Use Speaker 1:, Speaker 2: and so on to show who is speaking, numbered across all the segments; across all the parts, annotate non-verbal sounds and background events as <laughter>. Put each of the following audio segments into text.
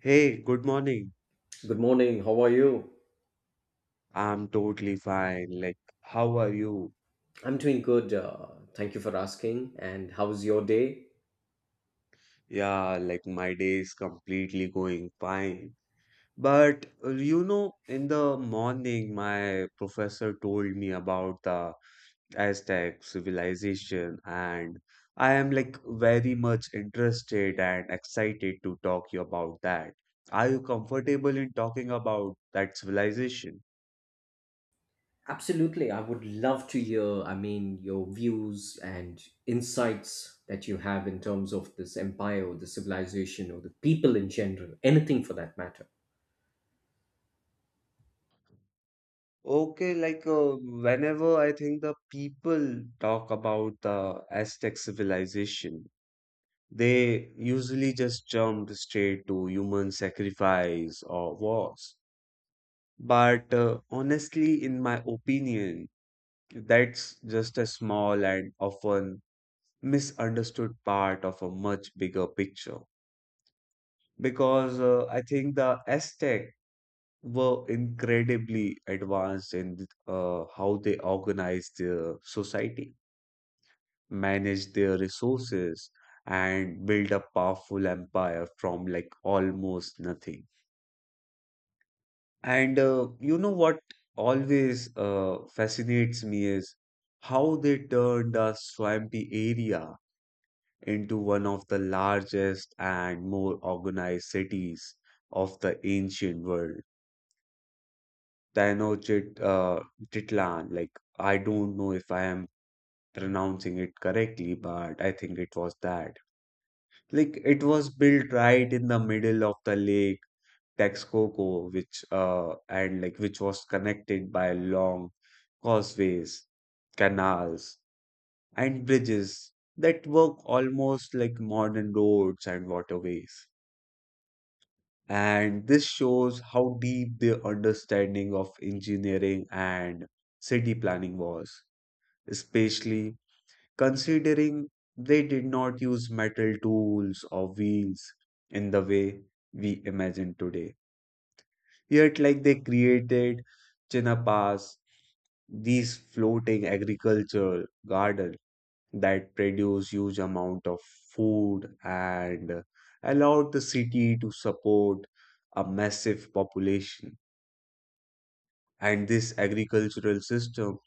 Speaker 1: Hey, good morning.
Speaker 2: Good morning. How are you?
Speaker 1: I'm totally fine. Like, how are you?
Speaker 2: I'm doing good. Thank you for asking. And how's your day?
Speaker 1: Yeah, like my day is completely going fine. But in the morning, my professor told me about the Aztec civilization, and I am like very much interested and excited to talk you about that. Are you comfortable in talking about that civilization?
Speaker 2: Absolutely. I would love to hear, I mean, your views and insights that you have in terms of this empire or the civilization or the people in general, anything for that matter.
Speaker 1: Okay, like whenever I think the people talk about the Aztec civilization, they usually just jump straight to human sacrifice or wars. But honestly, in my opinion, that's just a small and often misunderstood part of a much bigger picture. Because I think the Aztec were incredibly advanced in how they organized their society manage their resources and build a powerful empire from like almost nothing. And you know what always fascinates me is how they turned a swampy area into one of the largest and more organized cities of the ancient world. Tenochtitlan, Titlan, like I don't know if I am pronouncing it correctly, but I think it was that. Like it was built right in the middle of the lake Texcoco, which and like which was connected by long causeways, canals, and bridges that work almost like modern roads and waterways. And this shows how deep their understanding of engineering and city planning was, especially considering they did not use metal tools or wheels in the way we imagine today. Yet, like they created Chinapas, these floating agricultural garden that produce huge amount of food and allowed the city to support a massive population. And this agricultural system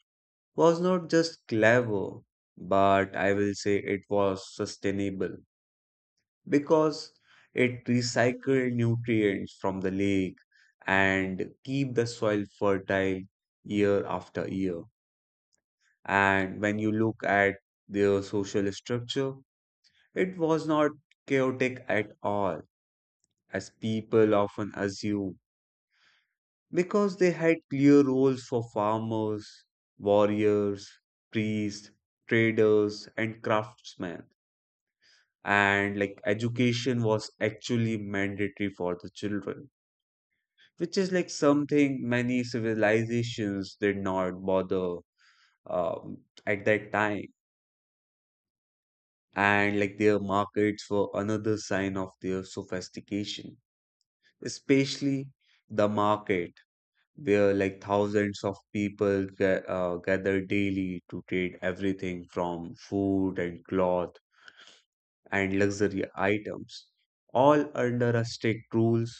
Speaker 1: was not just clever, but I will say it was sustainable because it recycles nutrients from the lake and keep the soil fertile year after year. And when you look at their social structure, it was not chaotic at all, as people often assume, because they had clear roles for farmers, warriors, priests, traders, and craftsmen. And like education was actually mandatory for the children, which is like something many civilizations did not bother um, at that time, and like their markets were another sign of their sophistication, especially the market where like thousands of people gather daily to trade everything from food and cloth and luxury items, all under a strict rules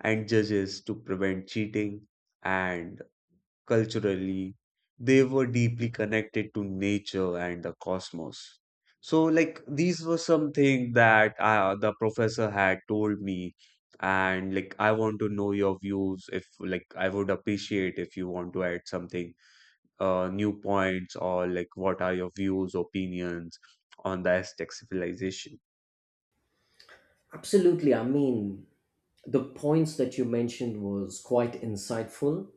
Speaker 1: and judges to prevent cheating and culturally, they were deeply connected to nature and the cosmos. So, like, these were something that the professor had told me, and like, I want to know your views. If like, I would appreciate if you want to add something, new points, or like, what are your views, opinions on the Aztec civilization?
Speaker 2: Absolutely. I mean, the points that you mentioned was quite insightful.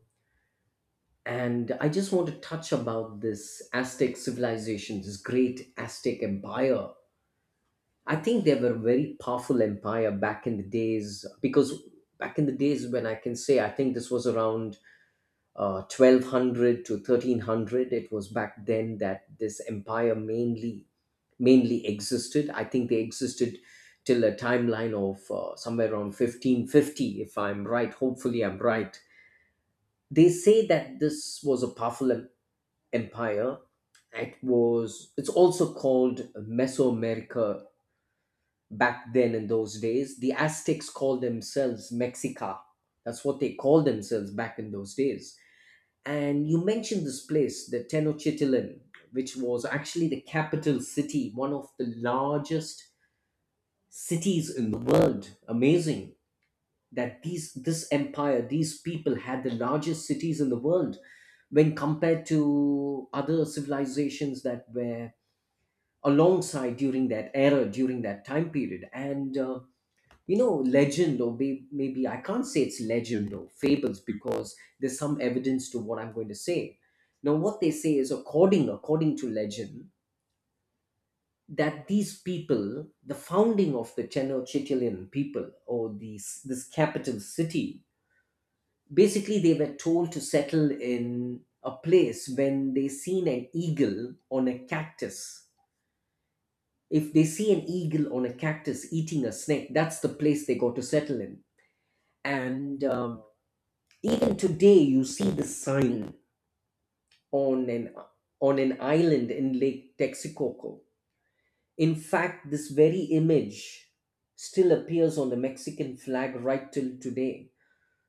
Speaker 2: And I just want to touch about this Aztec civilization, this great Aztec empire. I think they were a very powerful empire back in the days, because back in the days, when I can say, I think this was around 1200 to 1300. It was back then that this empire mainly existed. I think they existed till a timeline of somewhere around 1550, if I'm right, hopefully I'm right. They say that this was a powerful empire. It was, it's also called Mesoamerica back then in those days. The Aztecs called themselves Mexica. That's what they called themselves back in those days. And you mentioned this place, the Tenochtitlan, which was actually the capital city, one of the largest cities in the world. Amazing that these this empire, these people had the largest cities in the world when compared to other civilizations that were alongside during that era, during that time period. And you know, legend or maybe I can't say it's legend or fables because there's some evidence to what I'm going to say now. What they say is, according to legend, that these people, the founding of the Tenochtitlan people, or these this capital city, basically they were told to settle in a place when they seen an eagle on a cactus. If they see an eagle on a cactus eating a snake, that's the place they got to settle in. And even today, you see the sign on an island in Lake Texcoco. In fact, this very image still appears on the Mexican flag right till today.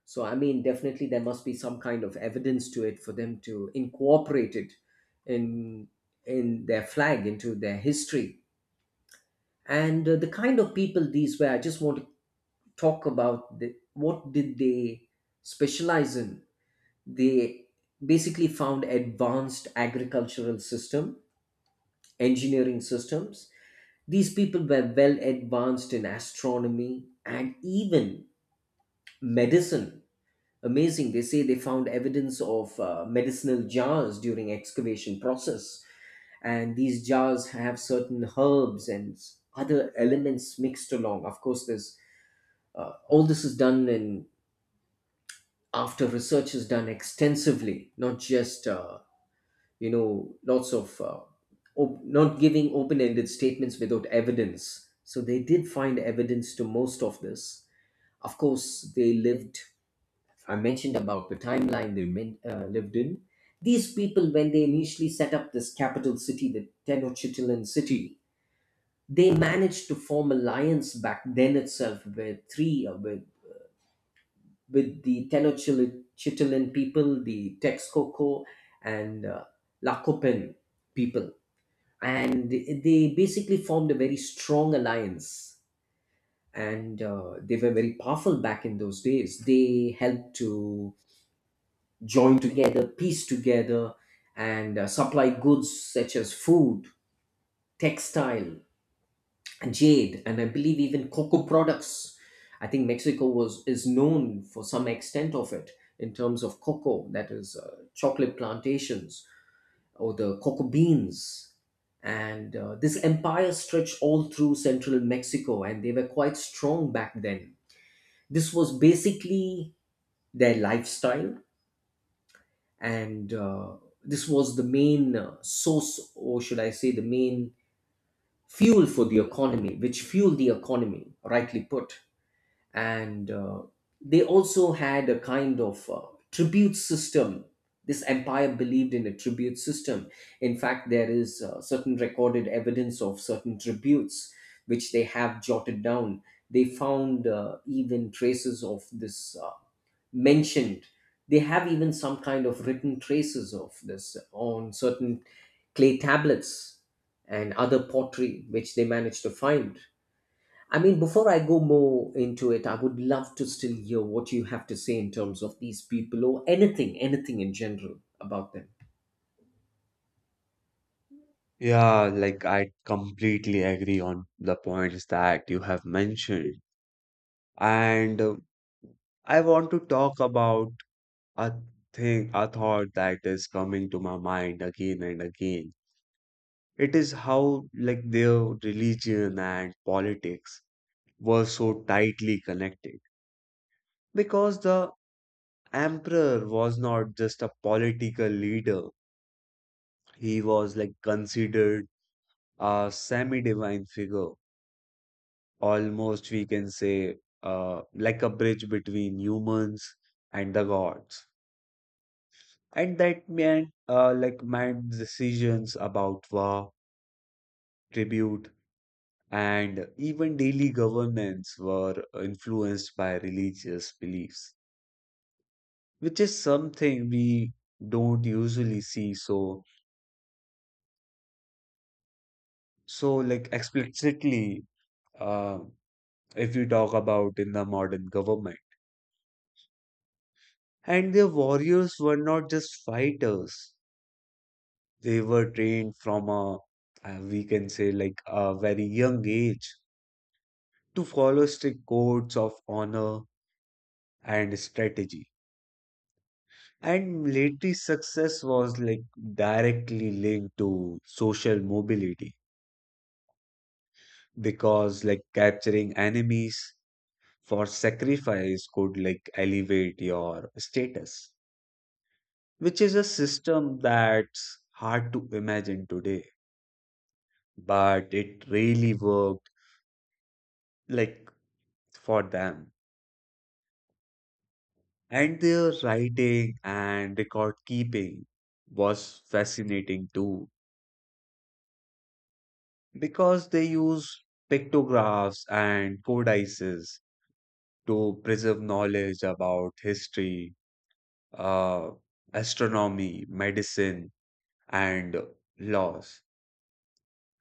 Speaker 2: So, I mean, definitely there must be some kind of evidence to it for them to incorporate it in in their flag, into their history. And the kind of people these were, I just want to talk about what did they specialize in. They basically found advanced agricultural system, engineering systems. These people were well advanced in astronomy and even medicine. Amazing, they say they found evidence of medicinal jars during excavation process, and these jars have certain herbs and other elements mixed along. Of course, there's all this is done in, after research is done extensively, not just lots of not giving open-ended statements without evidence. So they did find evidence to most of this. Of course, they lived, I mentioned about the timeline they lived in. These people, when they initially set up this capital city, the Tenochtitlan city, they managed to form alliance back then itself with three with the Tenochtitlan people, the Texcoco, and Lakopen people. And they basically formed a very strong alliance. And they were very powerful back in those days. They helped to join together, piece together, and supply goods such as food, textile, jade, and I believe even cocoa products. I think Mexico was is known for some extent of it in terms of cocoa, that is chocolate plantations or the cocoa beans. And this empire stretched all through central Mexico, and they were quite strong back then. This was basically their lifestyle, and this was the main source, or should I say, the main fuel for the economy, which fueled the economy, rightly put. And they also had a kind of tribute system. This empire believed in a tribute system. In fact, there is certain recorded evidence of certain tributes which they have jotted down. They found even traces of this mentioned. They have even some kind of written traces of this on certain clay tablets and other pottery which they managed to find. I mean, before I go more into it, I would love to still hear what you have to say in terms of these people, or anything, anything in general about them.
Speaker 1: Yeah, like I completely agree on the points that you have mentioned. And I want to talk about a a thought that is coming to my mind again and again. It is how, like, their religion and politics were so tightly connected. Because the emperor was not just a political leader, he was, like, considered a semi-divine figure. Almost, we can say, like a bridge between humans and the gods. And that meant like my decisions about war, tribute, and even daily governance were influenced by religious beliefs, which is something we don't usually see so like explicitly uh, if we talk about in the modern government. And their warriors were not just fighters; they were trained from a we can say like a very young age to follow strict codes of honor and strategy. And military success was like directly linked to social mobility because like capturing enemies for sacrifice could like elevate your status, which is a system that's hard to imagine today, but it really worked like for them. And their writing and record keeping was fascinating too. Because they use pictographs and codices to preserve knowledge about history, uh, astronomy, medicine, and laws.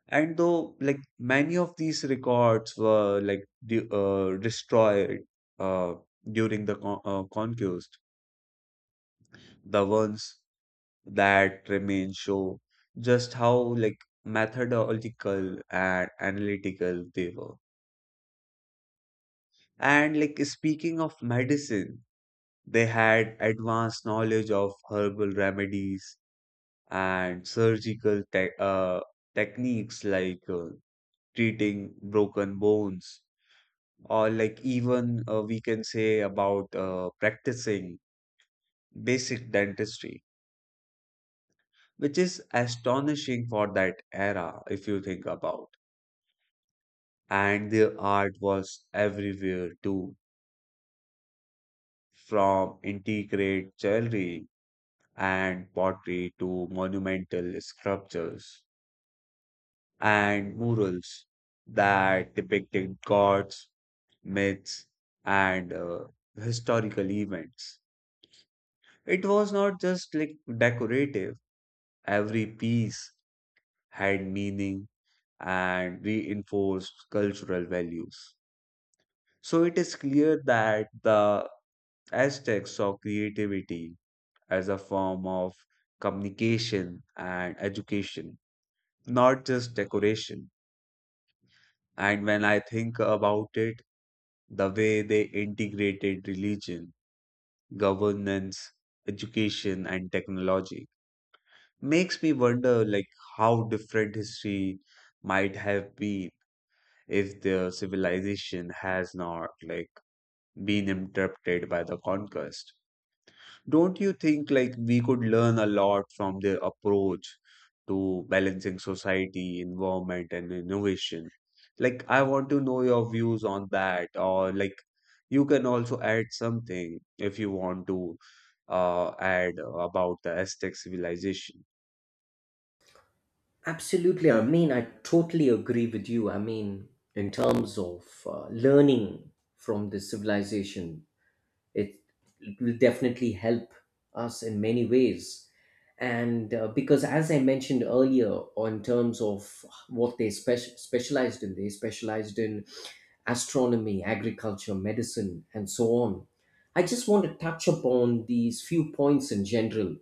Speaker 1: And though, like many of these records were like de destroyed uh, during the conquest, the ones that remain show just how like methodological and analytical they were. And like speaking of medicine, they had advanced knowledge of herbal remedies and surgical te techniques like treating broken bones, or like even we can say about practicing basic dentistry, which is astonishing for that era if you think about. And their art was everywhere too, from intricate jewelry and pottery to monumental sculptures and murals that depicted gods, myths, and historical events. It was not just like decorative, every piece had meaning and reinforced cultural values. So it is clear that the Aztecs saw creativity as a form of communication and education, not just decoration. And when I think about it, the way they integrated religion, governance, education, and technology makes me wonder like how different history might have been if the civilization has not like been interrupted by the conquest. Don't you think like we could learn a lot from their approach to balancing society, environment, and innovation? Like, I want to know your views on that, or like, you can also add something if you want to add about the Aztec civilization.
Speaker 2: Absolutely. I mean, I totally agree with you. I mean, in terms of learning from this civilization, it, it will definitely help us in many ways. And because, as I mentioned earlier, on terms of what they specialized in, they specialized in astronomy, agriculture, medicine, and so on. I just want to touch upon these few points in general.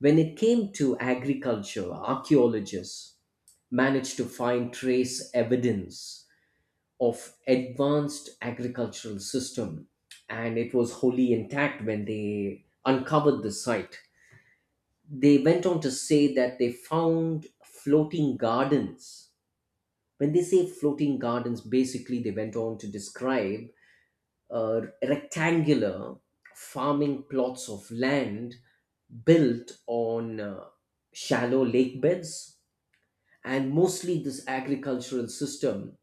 Speaker 2: When it came to agriculture, archaeologists managed to find trace evidence of advanced agricultural system, and it was wholly intact when they uncovered the site. They went on to say that they found floating gardens. When they say floating gardens, basically they went on to describe rectangular farming plots of land built on shallow lake beds. And mostly this agricultural system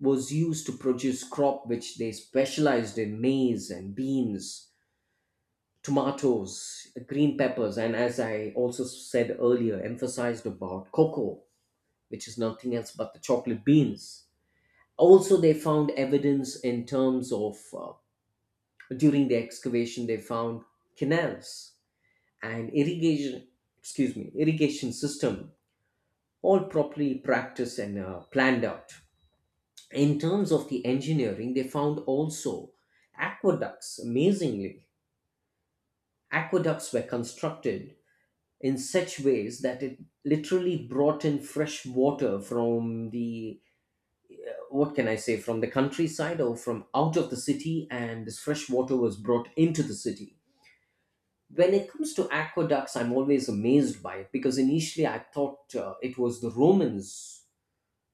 Speaker 2: was used to produce crop, which they specialized in maize and beans, tomatoes, green peppers, and as I also said earlier, emphasized about cocoa, which is nothing else but the chocolate beans. Also, they found evidence in terms of During the excavation, they found canals and irrigation, excuse me, irrigation system, all properly practiced and planned out. In terms of the engineering, they found also aqueducts. Amazingly, aqueducts were constructed in such ways that it literally brought in fresh water from the, what can I say, from the countryside or from out of the city, and this fresh water was brought into the city. When it comes to aqueducts, I'm always amazed by it, because initially I thought it was the Romans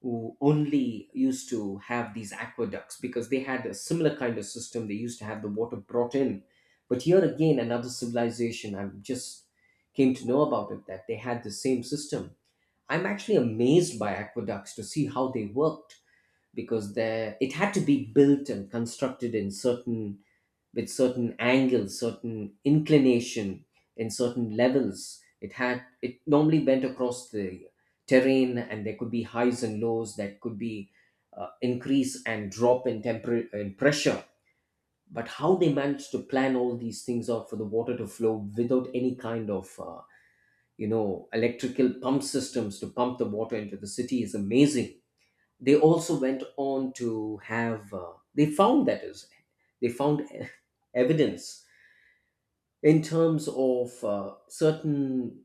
Speaker 2: who only used to have these aqueducts, because they had a similar kind of system, they used to have the water brought in. But here again, another civilization I just came to know about it that they had the same system. I'm actually amazed by aqueducts to see how they worked, because they it had to be built and constructed in certain, with certain angles, certain inclination, in certain levels. It had, it normally went across the terrain, and there could be highs and lows that could be increase and drop in temper in pressure. But how they managed to plan all these things out for the water to flow without any kind of electrical pump systems to pump the water into the city is amazing. They also went on to have they found <laughs> evidence in terms of certain,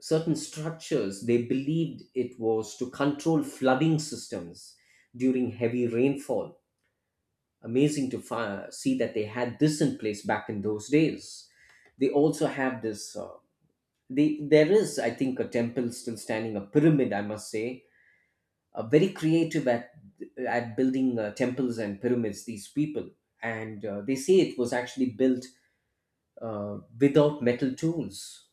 Speaker 2: certain structures they believed it was to control flooding systems during heavy rainfall. Amazing to see that they had this in place back in those days. They also have this there is, I think, a temple still standing, a pyramid, I must say. Very creative at building temples and pyramids, these people. And they say it was actually built without metal tools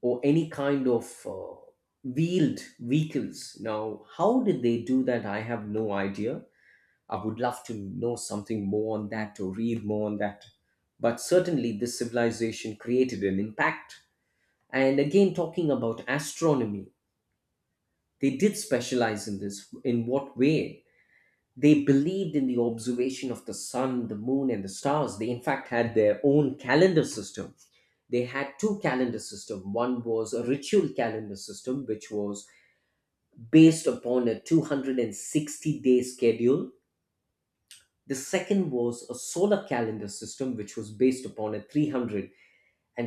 Speaker 2: or any kind of wheeled vehicles. Now, how did they do that? I have no idea. I would love to know something more on that or read more on that. But certainly, this civilization created an impact. And again, talking about astronomy, they did specialize in this. In what way? They believed in the observation of the sun, the moon, and the stars. They, in fact, had their own calendar system. They had two calendar system. One was a ritual calendar system, which was based upon a 260-day schedule. The second was a solar calendar system, which was based upon a 365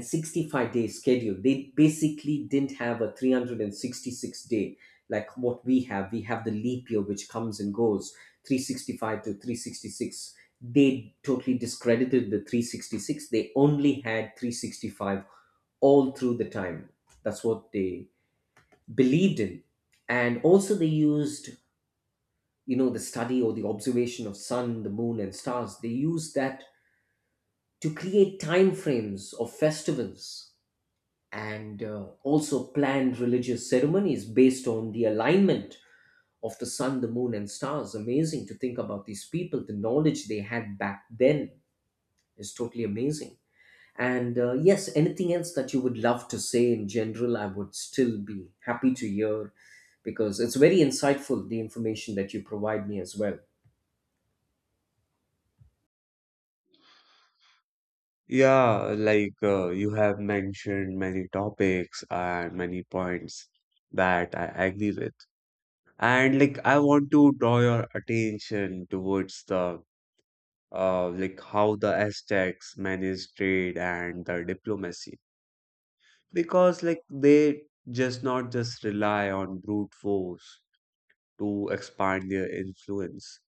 Speaker 2: day schedule. They basically didn't have a 366-day like what we have. We have the leap year, which comes and goes 365 to 366. They totally discredited the 366. They only had 365 all through the time. That's what they believed in. And also, they used, you know, the study or the observation of sun, the moon, and stars. They use that to create time frames of festivals, and also planned religious ceremonies based on the alignment of the sun, the moon, and stars. Amazing to think about these people, the knowledge they had back then is totally amazing. And yes, anything else that you would love to say in general, I would still be happy to hear, because it's very insightful, the information that you provide me as well.
Speaker 1: Yeah, like you have mentioned many topics and many points that I agree with. And like I want to draw your attention towards the like how the Aztecs managed trade and their diplomacy because like they just not just rely on brute force to expand their influence.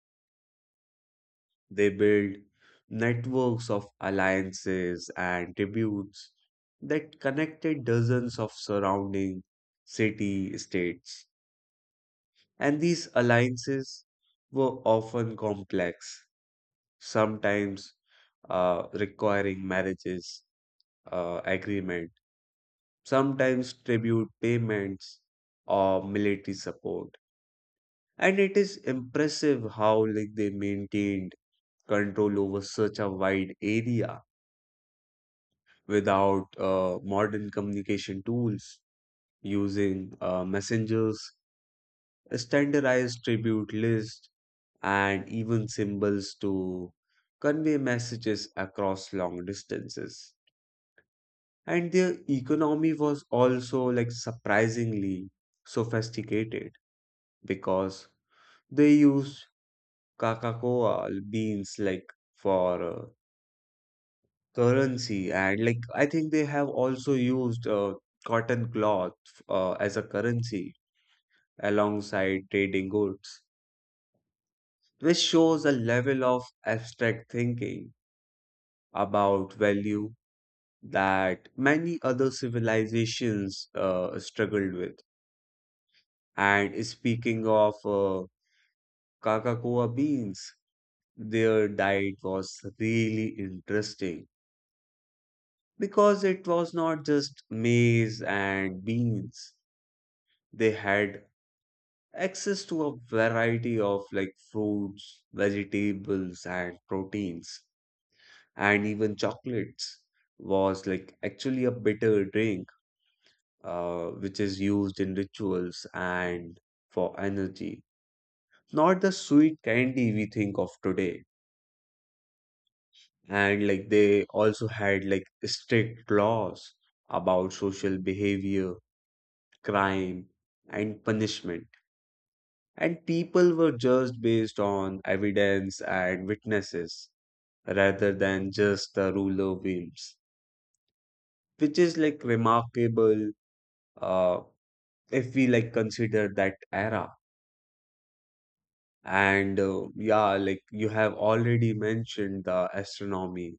Speaker 1: They build networks of alliances and tributes that connected dozens of surrounding city states. And these alliances were often complex, sometimes requiring marriages agreement, sometimes tribute payments or military support. And it is impressive how like they maintained control over such a wide area without modern communication tools, using messengers, standardized tribute lists, and even symbols to convey messages across long distances. And their economy was also like surprisingly sophisticated because they used coca beans like for currency and like I think they have also used cotton cloth as a currency alongside trading goods, which shows a level of abstract thinking about value that many other civilizations struggled with. And speaking of Kakakoa beans, their diet was really interesting because it was not just maize and beans. They had access to a variety of like fruits, vegetables, and proteins, and even chocolates was like actually a bitter drink, which is used in rituals and for energy, not the sweet candy we think of today. And like they also had like strict laws about social behavior, crime, and punishment. And people were judged based on evidence and witnesses rather than just the ruler whims, which is like remarkable uh, if we like consider that era. And yeah, like you have already mentioned the astronomy,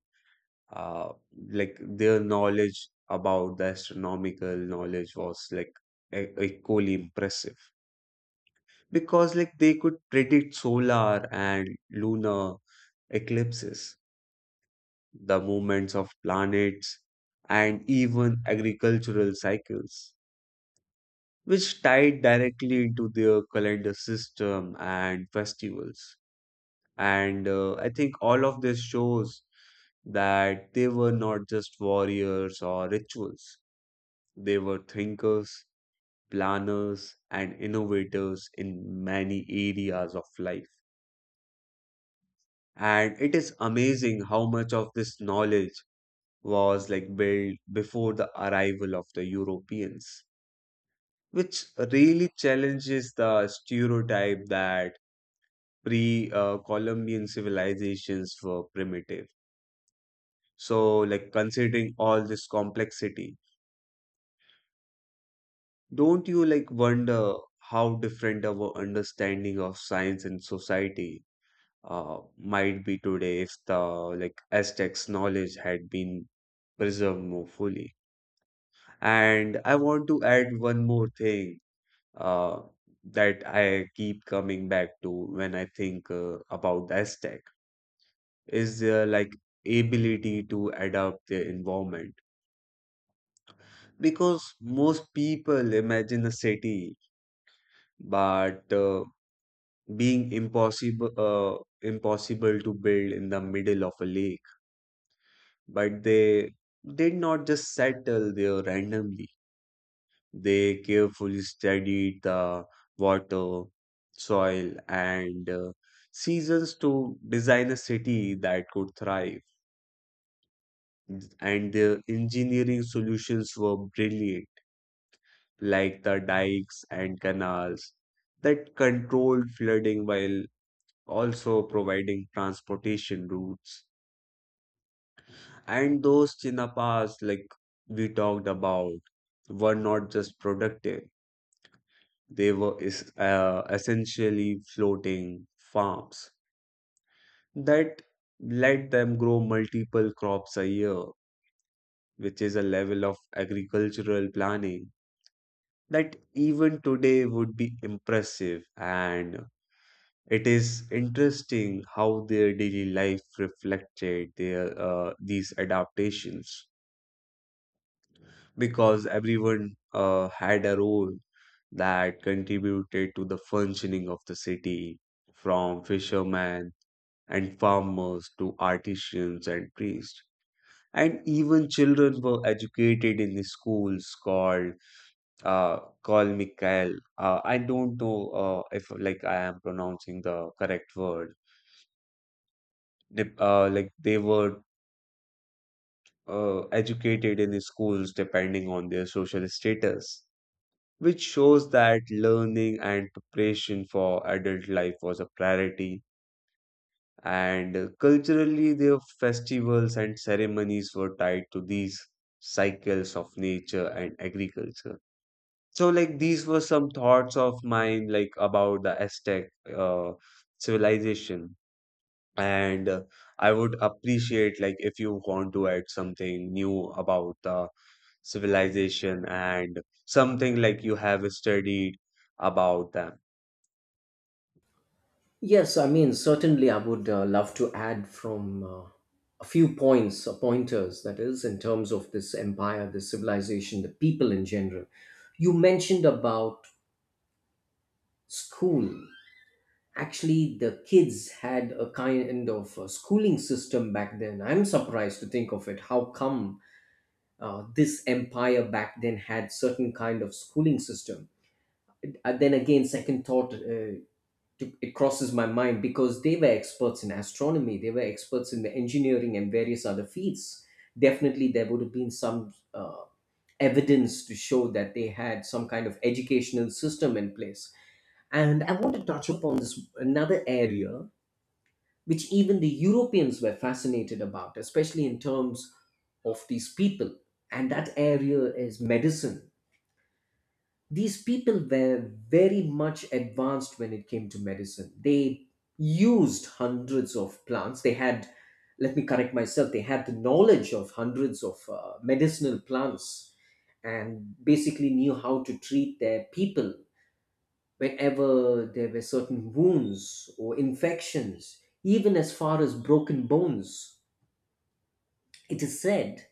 Speaker 1: uh, like their knowledge about the astronomical knowledge was like equally impressive because like they could predict solar and lunar eclipses, the movements of planets, and even agricultural cycles, which tied directly into their calendar system and festivals. And I think all of this shows that they were not just warriors or rituals. They were thinkers, planners, and innovators in many areas of life. And it is amazing how much of this knowledge was like built before the arrival of the Europeans, which really challenges the stereotype that pre-Columbian civilizations were primitive. So, like considering all this complexity, don't you like wonder how different our understanding of science and society might be today if the like Aztecs knowledge had been preserved more fully. And I want to add one more thing uh, that I keep coming back to when I think about the Aztec is their like ability to adapt their environment because most people imagine a city but being impossible to build in the middle of a lake. But they did not just settle there randomly. They carefully studied the water, soil, and seasons to design a city that could thrive. And their engineering solutions were brilliant, like the dikes and canals that controlled flooding while also providing transportation routes. And those chinapas, like we talked about, were not just productive, they were essentially floating farms that let them grow multiple crops a year, which is a level of agricultural planning that even today would be impressive. And it is interesting how their daily life reflected their these adaptations. Because everyone had a role that contributed to the functioning of the city, from fishermen and farmers to artisans and priests. And even children were educated in the schools called uh, Kolmikal. I don't know if like I am pronouncing the correct word. Like they were educated in the schools depending on their social status, which shows that learning and preparation for adult life was a priority. And culturally, their festivals and ceremonies were tied to these cycles of nature and agriculture. So, like, these were some thoughts of mine, like, about the Aztec uh, civilization. And I would appreciate like if you want to add something new about the civilization and something like you have studied about them.
Speaker 2: Yes, I mean, certainly I would love to add from a few points, pointers, that is, in terms of this empire, this civilization, the people in general. You mentioned about school. Actually, the kids had a kind of schooling system back then. I'm surprised to think of it. How come this empire back then had certain kind of schooling system? Then again, second thought, it crosses my mind because they were experts in astronomy, they were experts in the engineering and various other fields. Definitely there would have been some evidence to show that they had some kind of educational system in place. And I want to touch upon this another area which even the Europeans were fascinated about, especially in terms of these people. And that area is medicine. These people were very much advanced when it came to medicine. They used hundreds of plants. They had, let me correct myself, they had the knowledge of hundreds of medicinal plants, and basically knew how to treat their people whenever there were certain wounds or infections, even as far as broken bones. It is said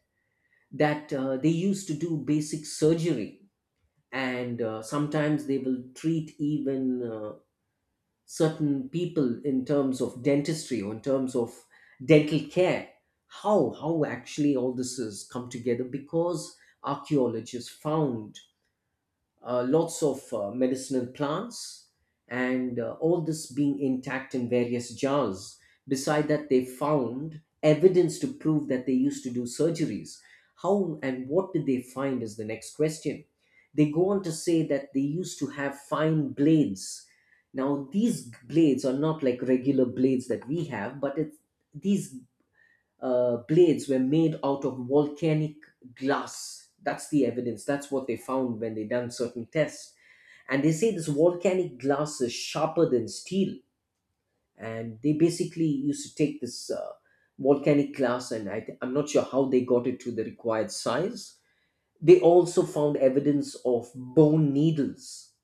Speaker 2: that they used to do basic surgery, and sometimes they will treat even certain people in terms of dentistry or in terms of dental care. How actually all this has come together because archaeologists found lots of medicinal plants, and all this being intact in various jars. Beside that, they found evidence to prove that they used to do surgeries. How and what did they find is the next question. They go on to say that they used to have fine blades. Now, these blades are not like regular blades that we have, but it's, these blades were made out of volcanic glass. That's the evidence. That's what they found when they done certain tests. And they say this volcanic glass is sharper than steel. And they basically used to take this volcanic glass, and I'm not sure how they got it to the required size. They also found evidence of bone needles,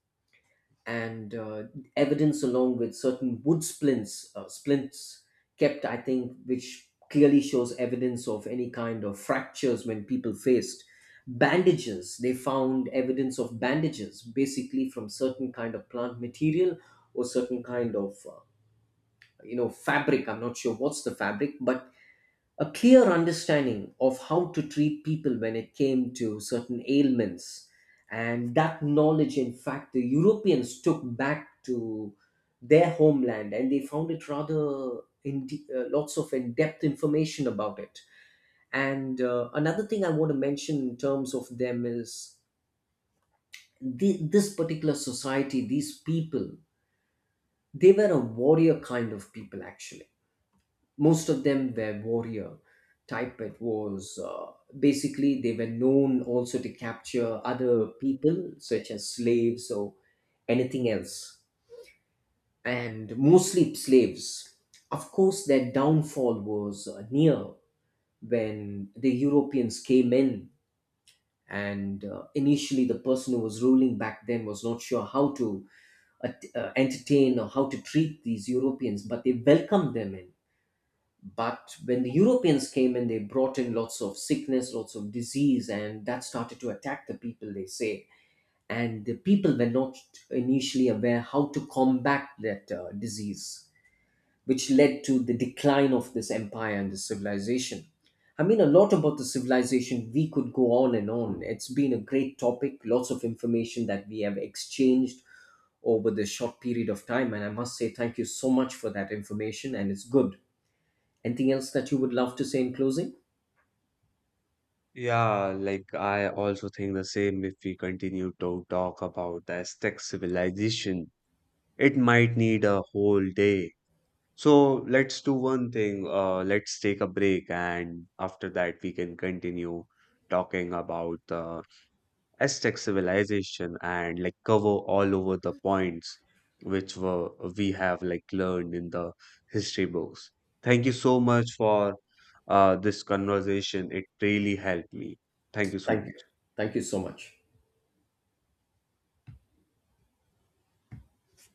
Speaker 2: and evidence along with certain wood splints, splints kept, I think, which clearly shows evidence of any kind of fractures when people faced. Bandages, they found evidence of bandages, basically from certain kind of plant material or certain kind of fabric, I'm not sure what's the fabric, but a clear understanding of how to treat people when it came to certain ailments. And that knowledge, in fact, the Europeans took back to their homeland, and they found it rather lots of in depth information about it. And another thing I want to mention in terms of them is this particular society, these people, they were a warrior kind of people. Actually, most of them were warrior type. It was Basically, they were known also to capture other people such as slaves or anything else, and mostly slaves. Of course, their downfall was near when the Europeans came in. And initially the person who was ruling back then was not sure how to entertain or how to treat these Europeans, but they welcomed them in. But when the Europeans came in, they brought in lots of sickness, lots of disease, and that started to attack the people, they say. And the people were not initially aware how to combat that disease, which led to the decline of this empire and the civilization. I mean, a lot about the civilization, we could go on and on. It's been a great topic, lots of information that we have exchanged over the short period of time. And I must say, thank you so much for that information, and it's good. Anything else that you would love to say in closing?
Speaker 1: Yeah, like I also think the same. If we continue to talk about the Aztec civilization, it might need a whole day. So let's do one thing. Let's take a break, and after that, we can continue talking about the Aztec civilization and like cover all over the points which were we have like learned in the history books. Thank you so much for this conversation. It really helped me. Thank you so
Speaker 2: Thank you.
Speaker 1: much.
Speaker 2: Thank you so much.